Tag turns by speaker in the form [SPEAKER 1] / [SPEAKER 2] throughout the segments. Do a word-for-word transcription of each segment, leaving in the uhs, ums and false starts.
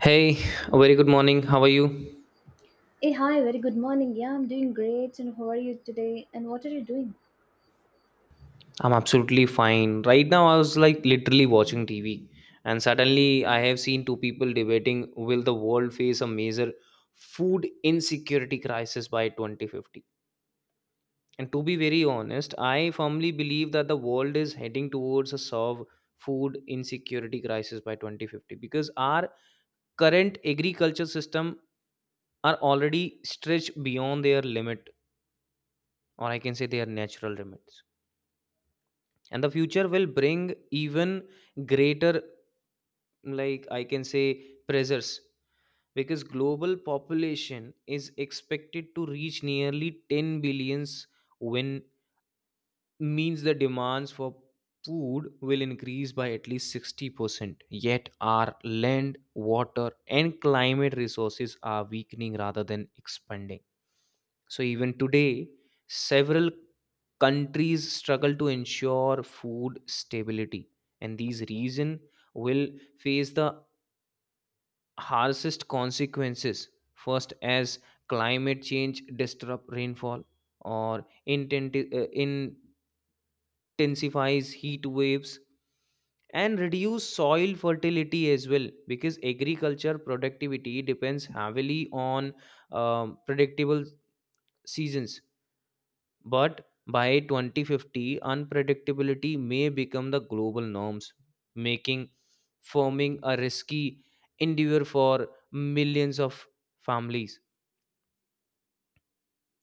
[SPEAKER 1] Hey, a very good morning. How are you?
[SPEAKER 2] Hey, hi, very good morning. Yeah, I'm doing great. And how are you today? And what are you doing?
[SPEAKER 1] I'm absolutely fine. Right now, I was like literally watching T V, and suddenly I have seen two people debating will the world face a major food insecurity crisis by twenty fifty? And to be very honest, I firmly believe that the world is heading towards a solve food insecurity crisis by twenty fifty because our current agriculture system are already stretched beyond their limit or I can say their natural limits, and the future will bring even greater, like I can say, pressures because global population is expected to reach nearly ten billions, when means the demands for food will increase by at least sixty percent. Yet, our land, water, and climate resources are weakening rather than expanding. So, even today, several countries struggle to ensure food stability, and these reasons will face the harshest consequences. First, as climate change disrupt rainfall or intent, uh, in intensifies heat waves and reduce soil fertility as well because agriculture productivity depends heavily on um, predictable seasons, but by twenty fifty unpredictability may become the global norms, making farming a risky endeavor for millions of families.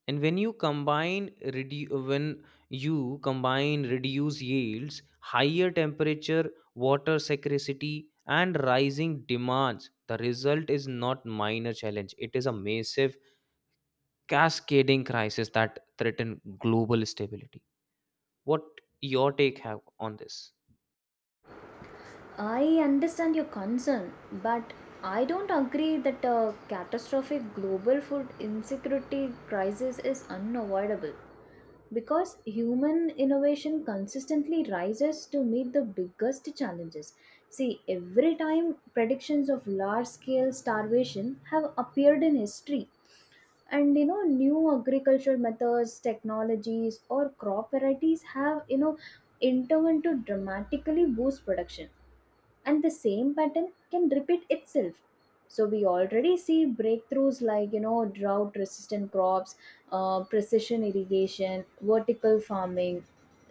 [SPEAKER 1] And when you combine redu- when you combine reduced yields, higher temperature, water scarcity, and rising demands, the result is not minor challenge, it is a massive cascading crisis that threaten global stability. What your take have on this?
[SPEAKER 2] I understand your concern, but I don't agree that a catastrophic global food insecurity crisis is unavoidable, because human innovation consistently rises to meet the biggest challenges. See, every time predictions of large scale starvation have appeared in history, and you know new agricultural methods, technologies, or crop varieties have you know intervened to dramatically boost production, and the same pattern can repeat itself. So we already see breakthroughs like, you know drought resistant crops, uh, precision irrigation, vertical farming,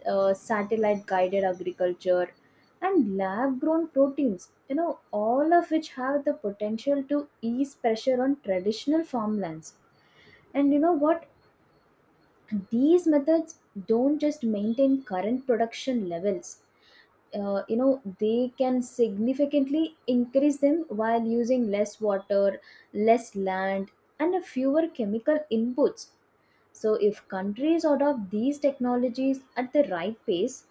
[SPEAKER 2] uh, satellite guided agriculture, and lab grown proteins, you know, all of which have the potential to ease pressure on traditional farmlands. And you know what, these methods don't just maintain current production levels. Uh, you know they can significantly increase them while using less water, less land, and fewer chemical inputs. So if countries adopt these technologies at the right pace,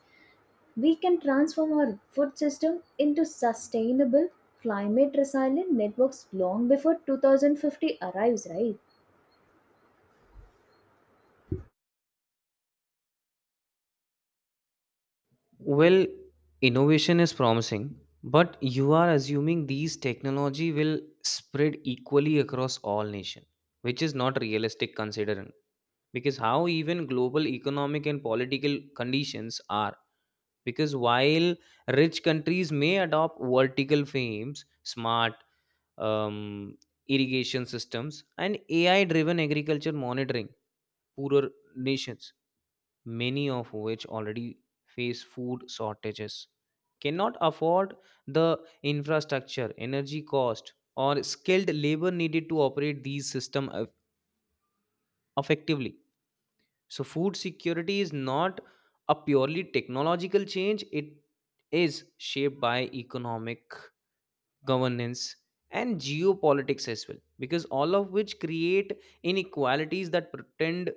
[SPEAKER 2] we can transform our food system into sustainable, climate resilient networks long before twenty fifty arrives, right?
[SPEAKER 1] Well, innovation is promising, but you are assuming these technology will spread equally across all nation, which is not realistic considering because how even global economic and political conditions are. Because while rich countries may adopt vertical frames, smart um, irrigation systems, and ai driven agriculture monitoring, poorer nations, many of which already face food shortages, cannot afford the infrastructure, energy cost, or skilled labor needed to operate these systems effectively. So, food security is not a purely technological change, it is shaped by economic, governance, and geopolitics as well, because all of which create inequalities that pretend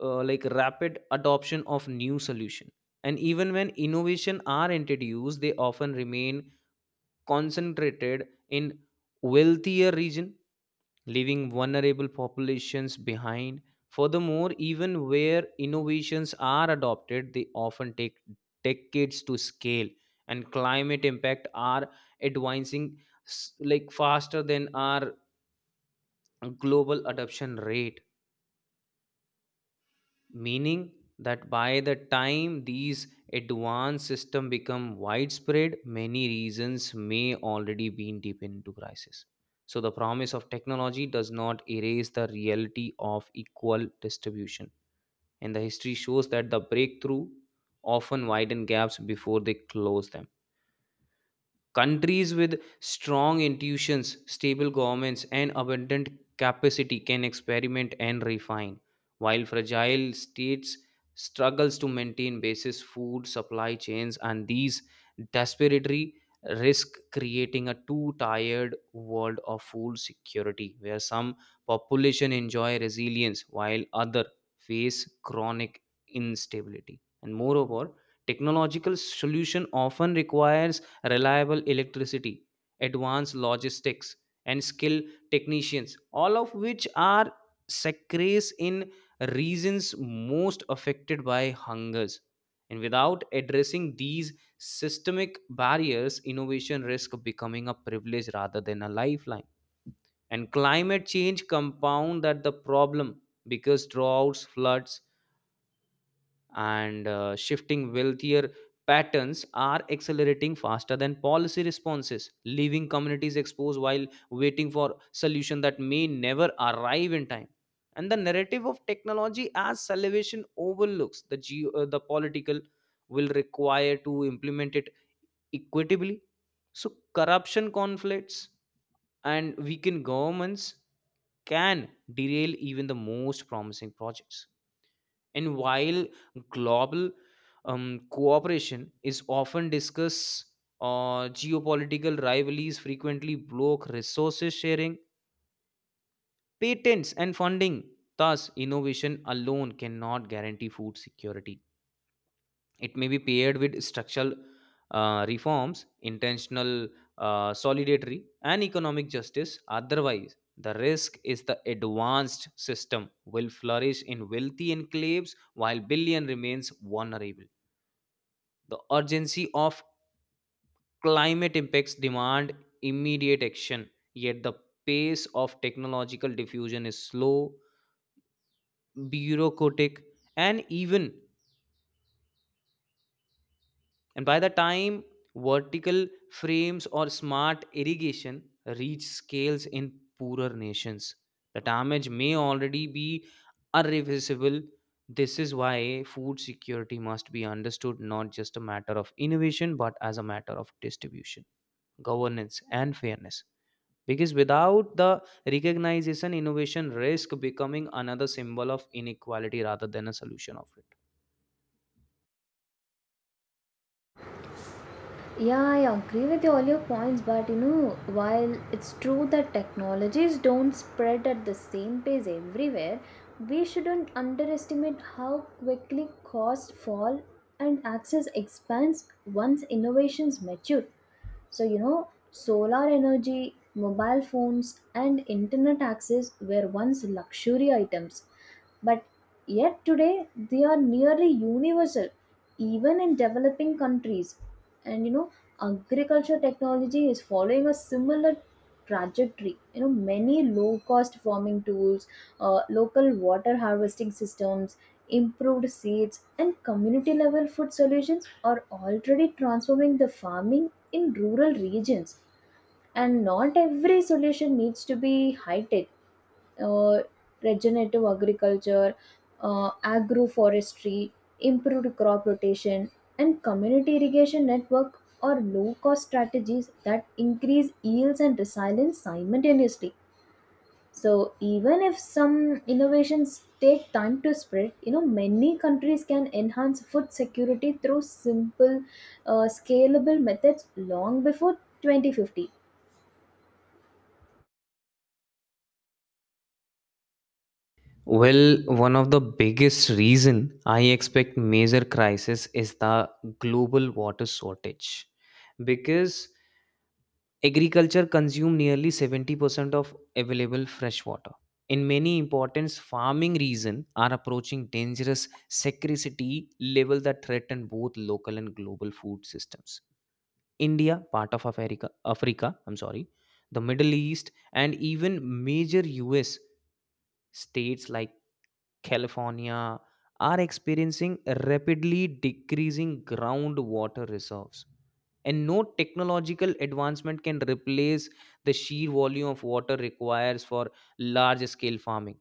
[SPEAKER 1] uh, like rapid adoption of new solution. And even when innovation are introduced, they often remain concentrated in wealthier region, leaving vulnerable populations behind. Furthermore, even where innovations are adopted, they often take decades to scale, and climate impact are advancing s- like faster than our global adoption rate, meaning that by the time these advanced systems become widespread, many regions may already be deep into crisis. So the promise of technology does not erase the reality of equal distribution, and the history shows that the breakthrough often widen gaps before they close them. Countries with strong institutions, stable governments, and abundant capacity can experiment and refine, while fragile states struggles to maintain basis food supply chains, and these desperately risk creating a too tired world of food security where some population enjoy resilience while other face chronic instability. And moreover, technological solution often requires reliable electricity, advanced logistics, and skilled technicians, all of which are scarce in regions most affected by hungers. And without addressing these systemic barriers, innovation risk becoming a privilege rather than a lifeline. And climate change compound that the problem because droughts, floods, and uh, shifting wealthier patterns are accelerating faster than policy responses, leaving communities exposed while waiting for solution that may never arrive in time. And the narrative of technology as salvation overlooks the geo, uh, the political will require to implement it equitably. So corruption, conflicts, and weakened governments can derail even the most promising projects. And while global um, cooperation is often discussed, uh, geopolitical rivalries frequently block resources sharing, patents, and funding. Thus, innovation alone cannot guarantee food security. It may be paired with structural uh, reforms, intentional uh, solidarity, and economic justice. Otherwise, the risk is the advanced system will flourish in wealthy enclaves while billion remains vulnerable. The urgency of climate impacts demand immediate action, yet the pace of technological diffusion is slow, bureaucratic, and even. And by the time vertical frames or smart irrigation reach scales in poorer nations, the damage may already be irreversible. This is why food security must be understood not just a matter of innovation but as a matter of distribution, governance, and fairness, because without the recognition innovation risk becoming another symbol of inequality rather than a solution of it.
[SPEAKER 2] Yeah, yeah, I agree with all your points, but you know, while it's true that technologies don't spread at the same pace everywhere, we shouldn't underestimate how quickly costs fall and access expands once innovations mature. So, you know, solar energy, mobile phones, and internet access were once luxury items, but yet today they are nearly universal, even in developing countries. And you know, agriculture technology is following a similar trajectory. You know, many low cost farming tools, uh, local water harvesting systems, improved seeds, and community level food solutions are already transforming the farming in rural regions. And not every solution needs to be high tech: uh, regenerative agriculture, uh, agroforestry, improved crop rotation, and community irrigation network are low cost strategies that increase yields and resilience simultaneously. So even if some innovations take time to spread, you know, many countries can enhance food security through simple, uh, scalable methods long before twenty fifty.
[SPEAKER 1] Well, one of the biggest reason I expect major crisis is the global water shortage because agriculture consumes nearly seventy percent of available fresh water. In many important farming regions are approaching dangerous scarcity level that threaten both local and global food systems. India, part of Africa, Africa, I'm sorry, the Middle East, and even major U S states like California are experiencing rapidly decreasing groundwater reserves. And no technological advancement can replace the sheer volume of water requires for large scale farming.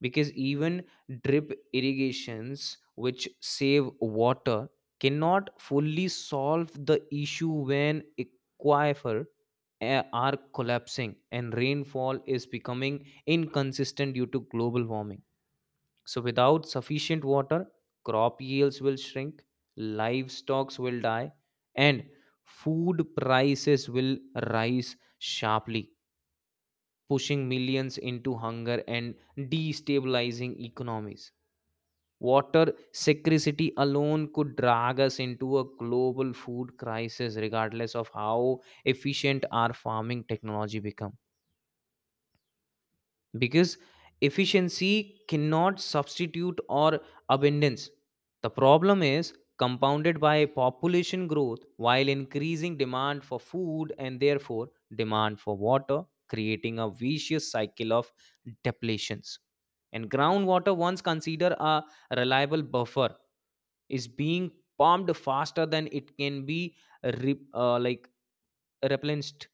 [SPEAKER 1] Because even drip irrigations, which save water, cannot fully solve the issue when aquifer uh, are collapsing and rainfall is becoming inconsistent due to global warming. So, without sufficient water, crop yields will shrink, livestock will die, and food prices will rise sharply, pushing millions into hunger and destabilizing economies. Water scarcity alone could drag us into a global food crisis, regardless of how efficient our farming technology becomes, because efficiency cannot substitute or abundance. The problem is compounded by population growth while increasing demand for food and therefore demand for water, creating a vicious cycle of depletions. And groundwater, once considered a reliable buffer, is being pumped faster than it can be re- uh, like replenished,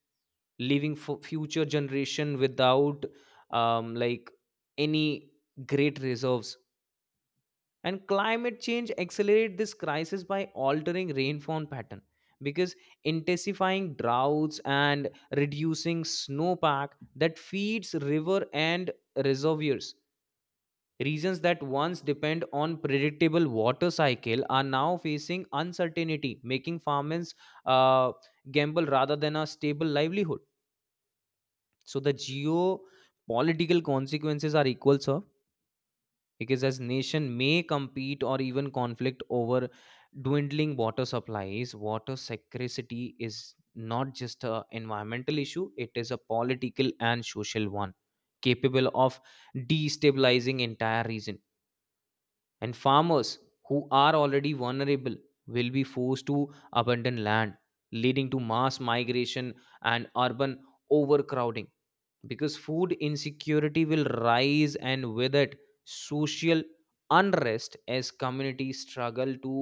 [SPEAKER 1] leaving for future generation without um, like any great reserves. And climate change accelerate this crisis by altering rainfall pattern because intensifying droughts and reducing snowpack that feeds river and reservoirs. Regions that once depend on predictable water cycle are now facing uncertainty, making farmers uh, gamble rather than a stable livelihood. So the geopolitical consequences are equal sir, because as nation may compete or even conflict over dwindling water supplies. Water scarcity is not just a environmental issue, it is a political and social one, capable of destabilizing entire region. And farmers who are already vulnerable will be forced to abandon land, leading to mass migration and urban overcrowding, because food insecurity will rise and with it social unrest as communities struggle to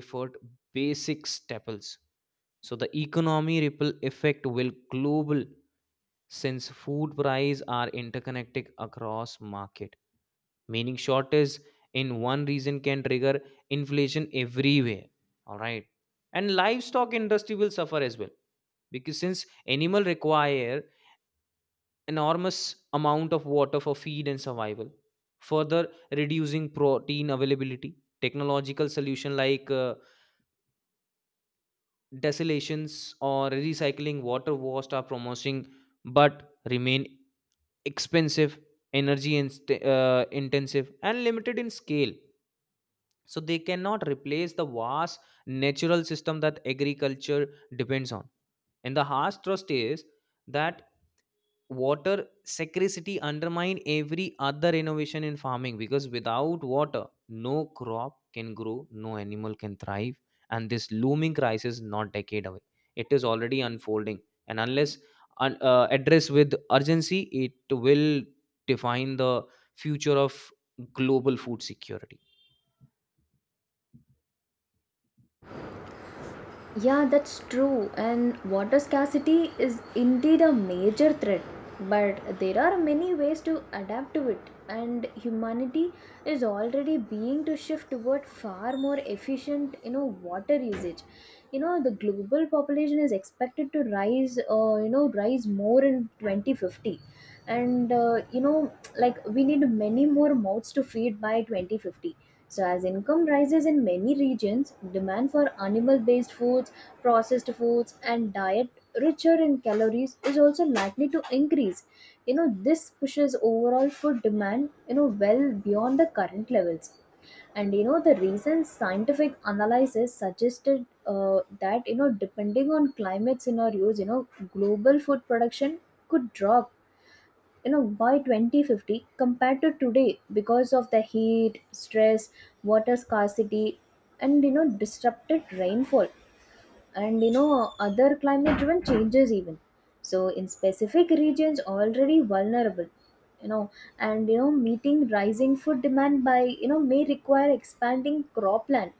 [SPEAKER 1] afford basic staples. So the economy ripple effect will global since food prices are interconnected across market, meaning shortage in one region can trigger inflation everywhere, all right. And livestock industry will suffer as well because since animal require enormous amount of water for feed and survival, further reducing protein availability. Technological solution like uh, desalations or recycling water waste are promising, but remain expensive, energy inst- uh, intensive, and limited in scale. So they cannot replace the vast natural system that agriculture depends on. And the harsh trust is that water scarcity undermine every other innovation in farming because without water no crop can grow, no animal can thrive. And this looming crisis is not decade away, it is already unfolding, and unless un- uh, addressed with urgency it will define the future of global food security.
[SPEAKER 2] Yeah, that's true. And water scarcity is indeed a major threat. But there are many ways to adapt to it, and humanity is already being to shift toward far more efficient, you know, water usage. You know, the global population is expected to rise, uh, you know, rise more in twenty fifty, and uh, you know, like we need many more mouths to feed by twenty fifty. So, as income rises in many regions, demand for animal based foods, processed foods, and diet richer in calories is also likely to increase. You know, this pushes overall food demand, you know, well beyond the current levels. And you know the recent scientific analysis suggested uh, that, you know, depending on climate scenarios, you know, global food production could drop, you know, by twenty fifty compared to today because of the heat stress, water scarcity, and you know disrupted rainfall, and you know, other climate driven changes even, so in specific regions already vulnerable, you know. And you know, meeting rising food demand by, you know, may require expanding cropland,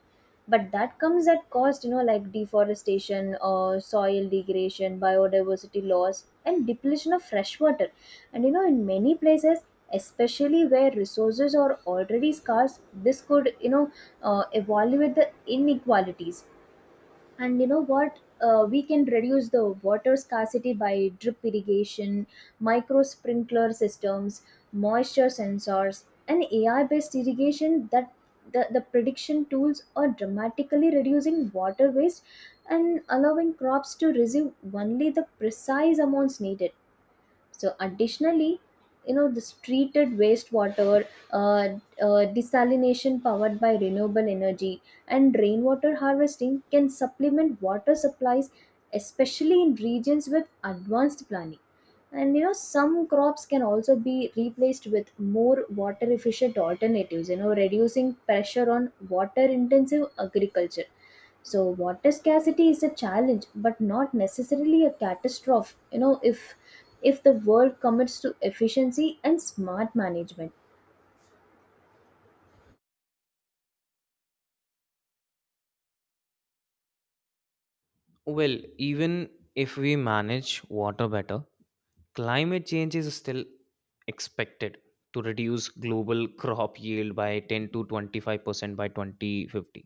[SPEAKER 2] but that comes at cost, you know, like deforestation or soil degradation, biodiversity loss, and depletion of fresh water. And you know, in many places, especially where resources are already scarce, this could, you know uh, evaluate the inequalities. And you know what, uh, we can reduce the water scarcity by drip irrigation, micro sprinkler systems, moisture sensors, and A I based irrigation. That, the, the prediction tools are dramatically reducing water waste and allowing crops to receive only the precise amounts needed. So additionally, you know, this treated wastewater, uh, uh, desalination powered by renewable energy, and rainwater harvesting can supplement water supplies, especially in regions with advanced planning. And you know, some crops can also be replaced with more water efficient alternatives, you know, reducing pressure on water intensive agriculture. So water scarcity is a challenge but not necessarily a catastrophe, you know, if if the world commits to efficiency and smart management.
[SPEAKER 1] Well, even if we manage water better, climate change is still expected to reduce global crop yield by ten to twenty-five percent by twenty fifty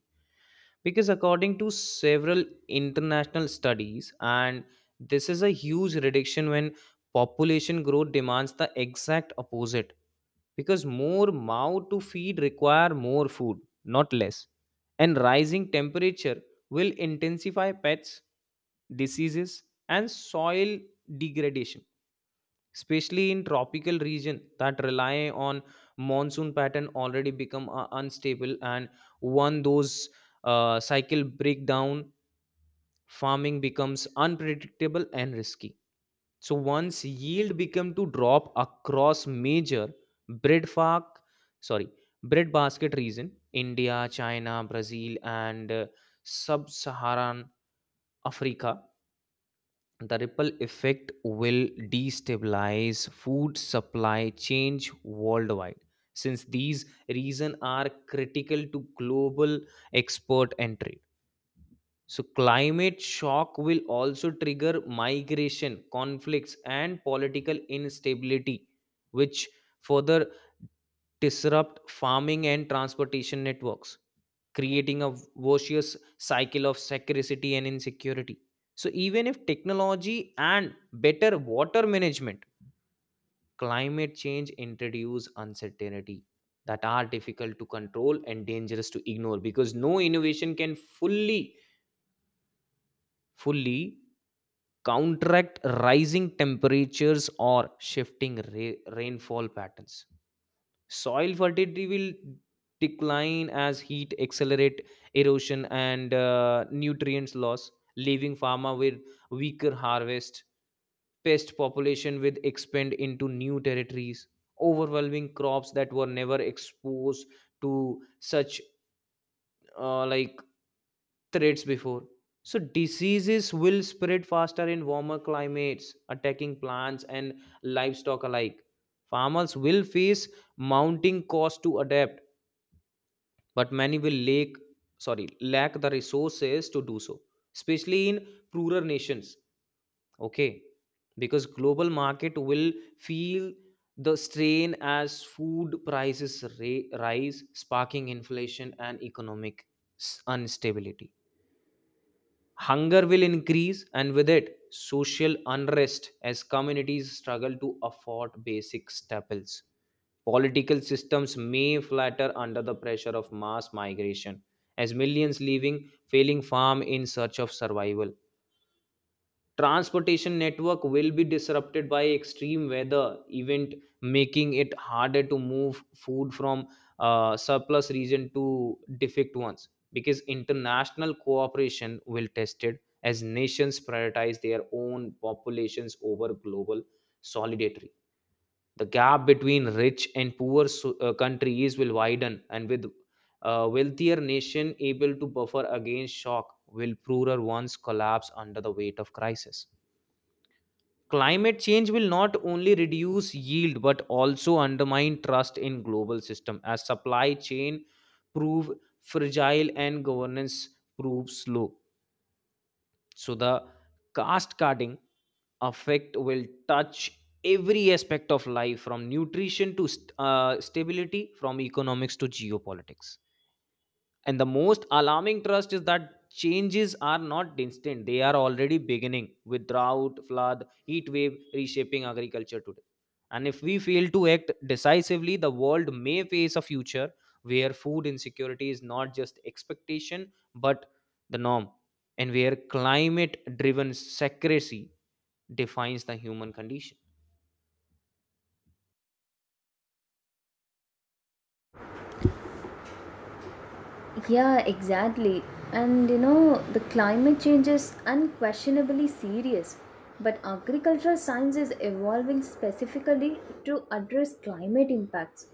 [SPEAKER 1] because according to several international studies, and this is a huge reduction when population growth demands the exact opposite, because more mouth to feed require more food, not less. And rising temperature will intensify pests, diseases, and soil degradation, especially in tropical region that rely on monsoon pattern already become uh, unstable. And one those uh, cycle breakdown, farming becomes unpredictable and risky. So once yield become to drop across major bread fark sorry bread basket region, India, China, Brazil, and uh, sub-Saharan Africa, the ripple effect will destabilize food supply change worldwide since these reasons are critical to global export and trade. So climate shock will also trigger migration, conflicts, and political instability, which further disrupt farming and transportation networks, creating a vicious cycle of scarcity and insecurity. So, even if technology and better water management, climate change introduce uncertainty that are difficult to control and dangerous to ignore, because no innovation can fully, fully counteract rising temperatures or shifting ra- rainfall patterns. Soil fertility will decline as heat accelerate erosion and uh, nutrients loss, leaving farmer with weaker harvest. Pest population will expand into new territories, overwhelming crops that were never exposed to such uh, like threats before. So diseases will spread faster in warmer climates, attacking plants and livestock alike. Farmers will face mounting costs to adapt, but many will lack sorry lack the resources to do so, especially in poorer nations, okay. Because global market will feel the strain as food prices ra- rise, sparking inflation and economic s- instability. Hunger will increase, and with it, social unrest as communities struggle to afford basic staples. Political systems may flatter under the pressure of mass migration, as millions leaving failing farm in search of survival. Transportation network will be disrupted by extreme weather event, making it harder to move food from uh, surplus region to defect ones. Because international cooperation will tested as nations prioritize their own populations over global solidarity. The gap between rich and poor so- uh, countries will widen, and with a wealthier nation able to buffer against shock will poorer ones collapse under the weight of crisis. Climate change will not only reduce yield but also undermine trust in global system as supply chain prove fragile and governance prove slow. So the caste cutting effect will touch every aspect of life, from nutrition to st- uh, stability, from economics to geopolitics. And the most alarming trust is that changes are not instant, they are already beginning with drought, flood, heat wave reshaping agriculture today. And if we fail to act decisively, the world may face a future where food insecurity is not just expectation but the norm, and where climate driven secrecy defines the human condition.
[SPEAKER 2] Yeah, exactly. And you know, the climate change is unquestionably serious, but agricultural science is evolving specifically to address climate impacts.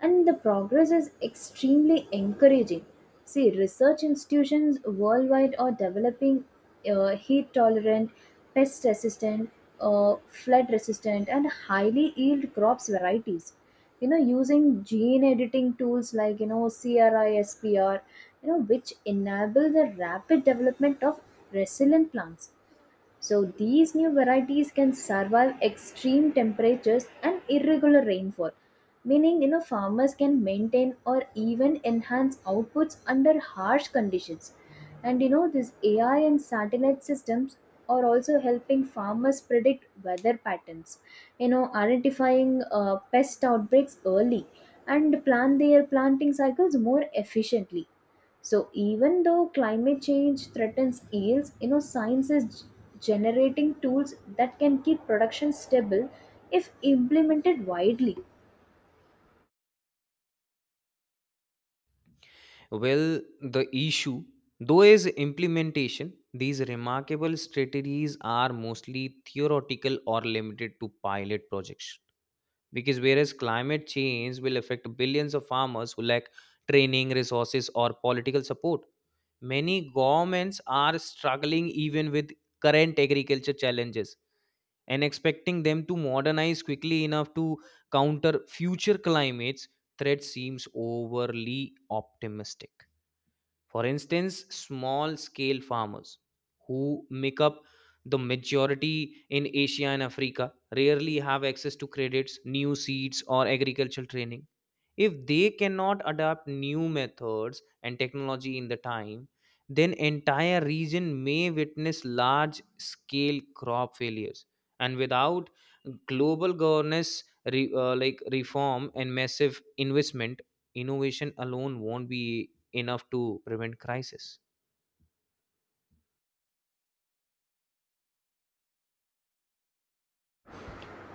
[SPEAKER 2] And the progress is extremely encouraging. See, research institutions worldwide are developing uh, heat tolerant, pest resistant, uh, flood resistant, and highly yield crops varieties, you know, using gene editing tools like, you know, CRISPR, you know, which enable the rapid development of resilient plants. So these new varieties can survive extreme temperatures and irregular rainfall, meaning, you know, farmers can maintain or even enhance outputs under harsh conditions. And you know, this A I and satellite systems are also helping farmers predict weather patterns, you know, identifying uh, pest outbreaks early and plan their planting cycles more efficiently. So even though climate change threatens yields, you know, science is g- generating tools that can keep production stable if implemented widely.
[SPEAKER 1] Well, the issue, though, is implementation. These remarkable strategies are mostly theoretical or limited to pilot projects. Because whereas climate change will affect billions of farmers who lack training, resources, or political support, many governments are struggling even with current agriculture challenges, and expecting them to modernize quickly enough to counter future climates threat seems overly optimistic. For instance, small scale farmers who make up the majority in Asia and Africa rarely have access to credits, new seeds, or agricultural training. If they cannot adapt new methods and technology in the time, then entire region may witness large scale crop failures. And without global governance re, uh, like reform and massive investment, innovation alone won't be enough to prevent crisis.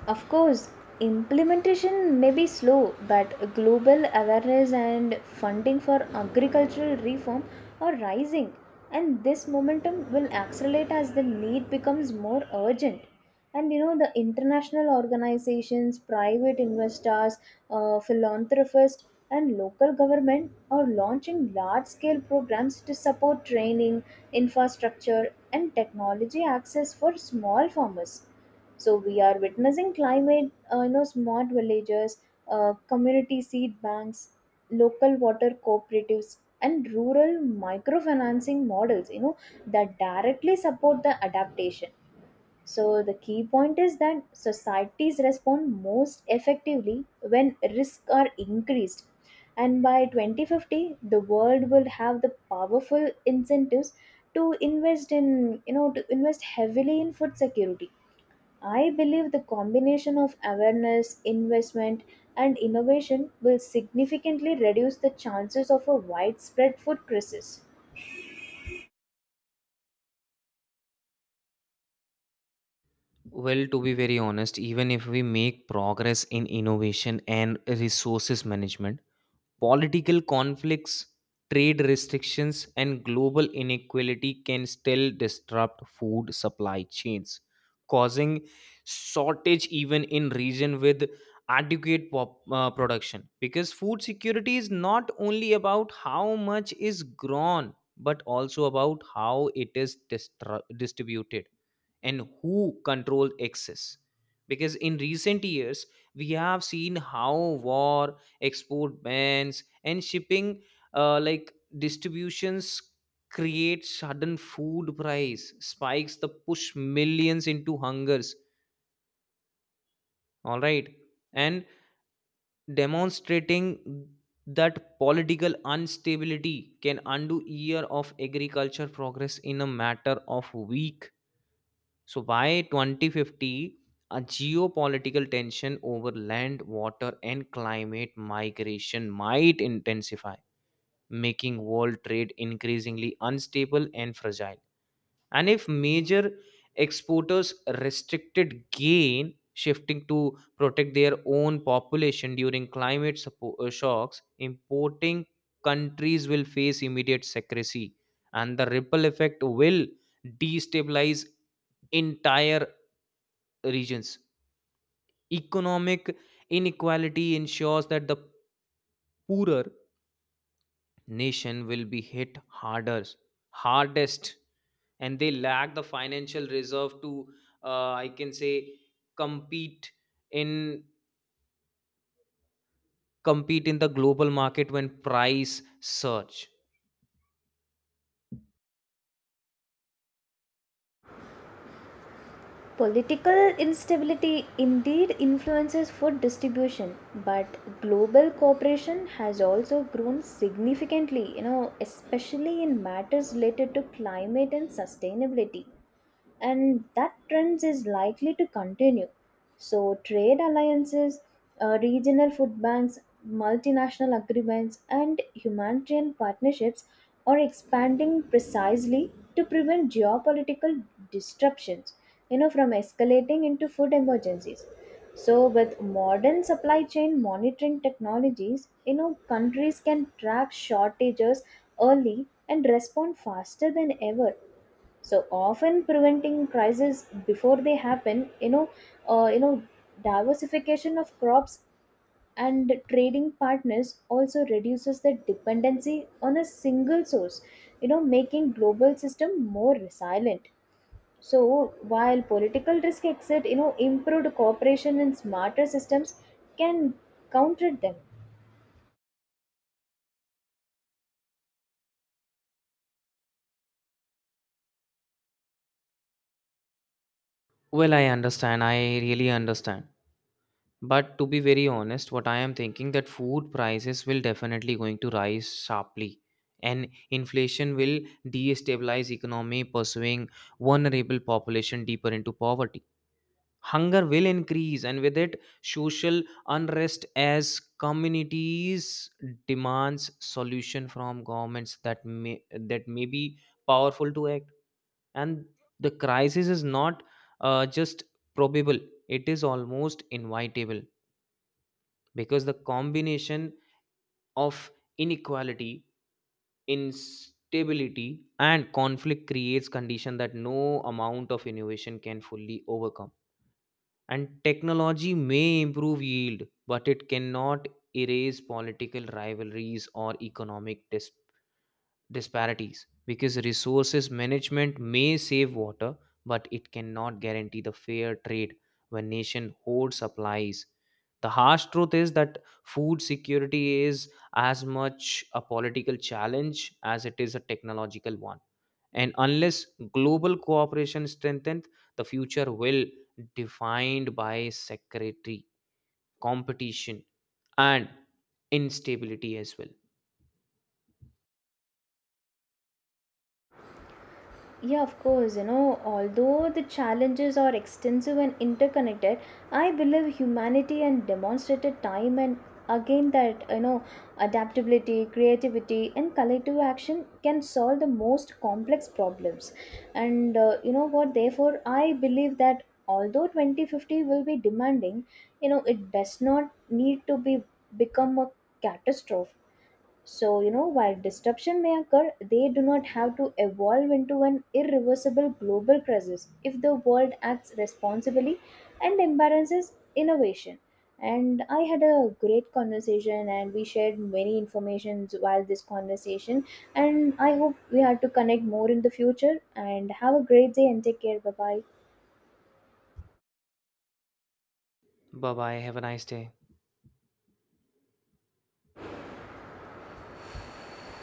[SPEAKER 2] Of course, implementation may be slow, but global awareness and funding for agricultural reform are rising, and this momentum will accelerate as the need becomes more urgent. And you know, the international organizations, private investors, uh, philanthropists, and local government are launching large scale programs to support training, infrastructure, and technology access for small farmers. So we are witnessing climate, uh, you know, smart villages, uh, community seed banks, local water cooperatives, and rural microfinancing models, you know, that directly support the adaptation. So the key point is that societies respond most effectively when risks are increased. And by twenty fifty, the world will have the powerful incentives to invest in, you know, to invest heavily in food security. I believe the combination of awareness, investment, and innovation will significantly reduce the chances of a widespread food crisis.
[SPEAKER 1] Well, to be very honest, even if we make progress in innovation and resources management, political conflicts, trade restrictions, and global inequality can still disrupt food supply chains, causing shortage even in region with adequate pop, uh, production. Because food security is not only about how much is grown, but also about how it is distru- distributed and who control access. Because in recent years, we have seen how war export bans and shipping uh, like distributions create sudden food price spikes that push millions into hungers, all right, and demonstrating that political instability can undo year of agriculture progress in a matter of week. So by twenty fifty, a geopolitical tension over land water and climate migration might intensify, making world trade increasingly unstable and fragile. And if major exporters restricted gain, shifting to protect their own population during climate suppo- uh, shocks, importing countries will face immediate secrecy, and the ripple effect will destabilize entire regions. Economic inequality ensures that the poorer nation will be hit harder hardest, and they lack the financial reserve to uh, I can say compete in compete in the global market when price surge.
[SPEAKER 2] Political instability indeed influences food distribution, but global cooperation has also grown significantly, you know, especially in matters related to climate and sustainability. And that trend is likely to continue. So, trade alliances, uh, regional food banks, multinational agreements, and humanitarian partnerships are expanding precisely to prevent geopolitical disruptions, you know, from escalating into food emergencies. So, with modern supply chain monitoring technologies, you know, countries can track shortages early and respond faster than ever, so often preventing crises before they happen. You know uh, you know diversification of crops and trading partners also reduces the dependency on a single source, you know, making global system more resilient. So while political risk exit, you know, improved cooperation and smarter systems can counter them.
[SPEAKER 1] Well, I understand, i really understand But to be very honest, what I am thinking that food prices will definitely going to rise sharply, and inflation will destabilize economy, pursuing vulnerable population deeper into poverty. Hunger will increase, and with it social unrest as communities demands solution from governments that may that may be powerful to act. And the crisis is not uh, just probable, it is almost inevitable, because the combination of inequality, instability and conflict creates condition that no amount of innovation can fully overcome. And technology may improve yield, but it cannot erase political rivalries or economic dis- disparities. Because resources management may save water, but it cannot guarantee the fair trade when nation hoard supplies. The harsh truth is that food security is as much a political challenge as it is a technological one, and unless global cooperation strengthens, the future will defined by security, competition, and instability as well.
[SPEAKER 2] Yeah, of course. You know, although the challenges are extensive and interconnected, I believe humanity and demonstrated time and again that, you know, adaptability, creativity, and collective action can solve the most complex problems. And uh, you know what? Therefore, I believe that although twenty fifty will be demanding, you know, it does not need to be become a catastrophe. So, you know, while disruption may occur, they do not have to evolve into an irreversible global crisis if the world acts responsibly and embraces innovation. And I had a great conversation and we shared many informations while this conversation, and I hope we had to connect more in the future, and have a great day and take care. Bye bye.
[SPEAKER 1] Bye bye, have a nice day.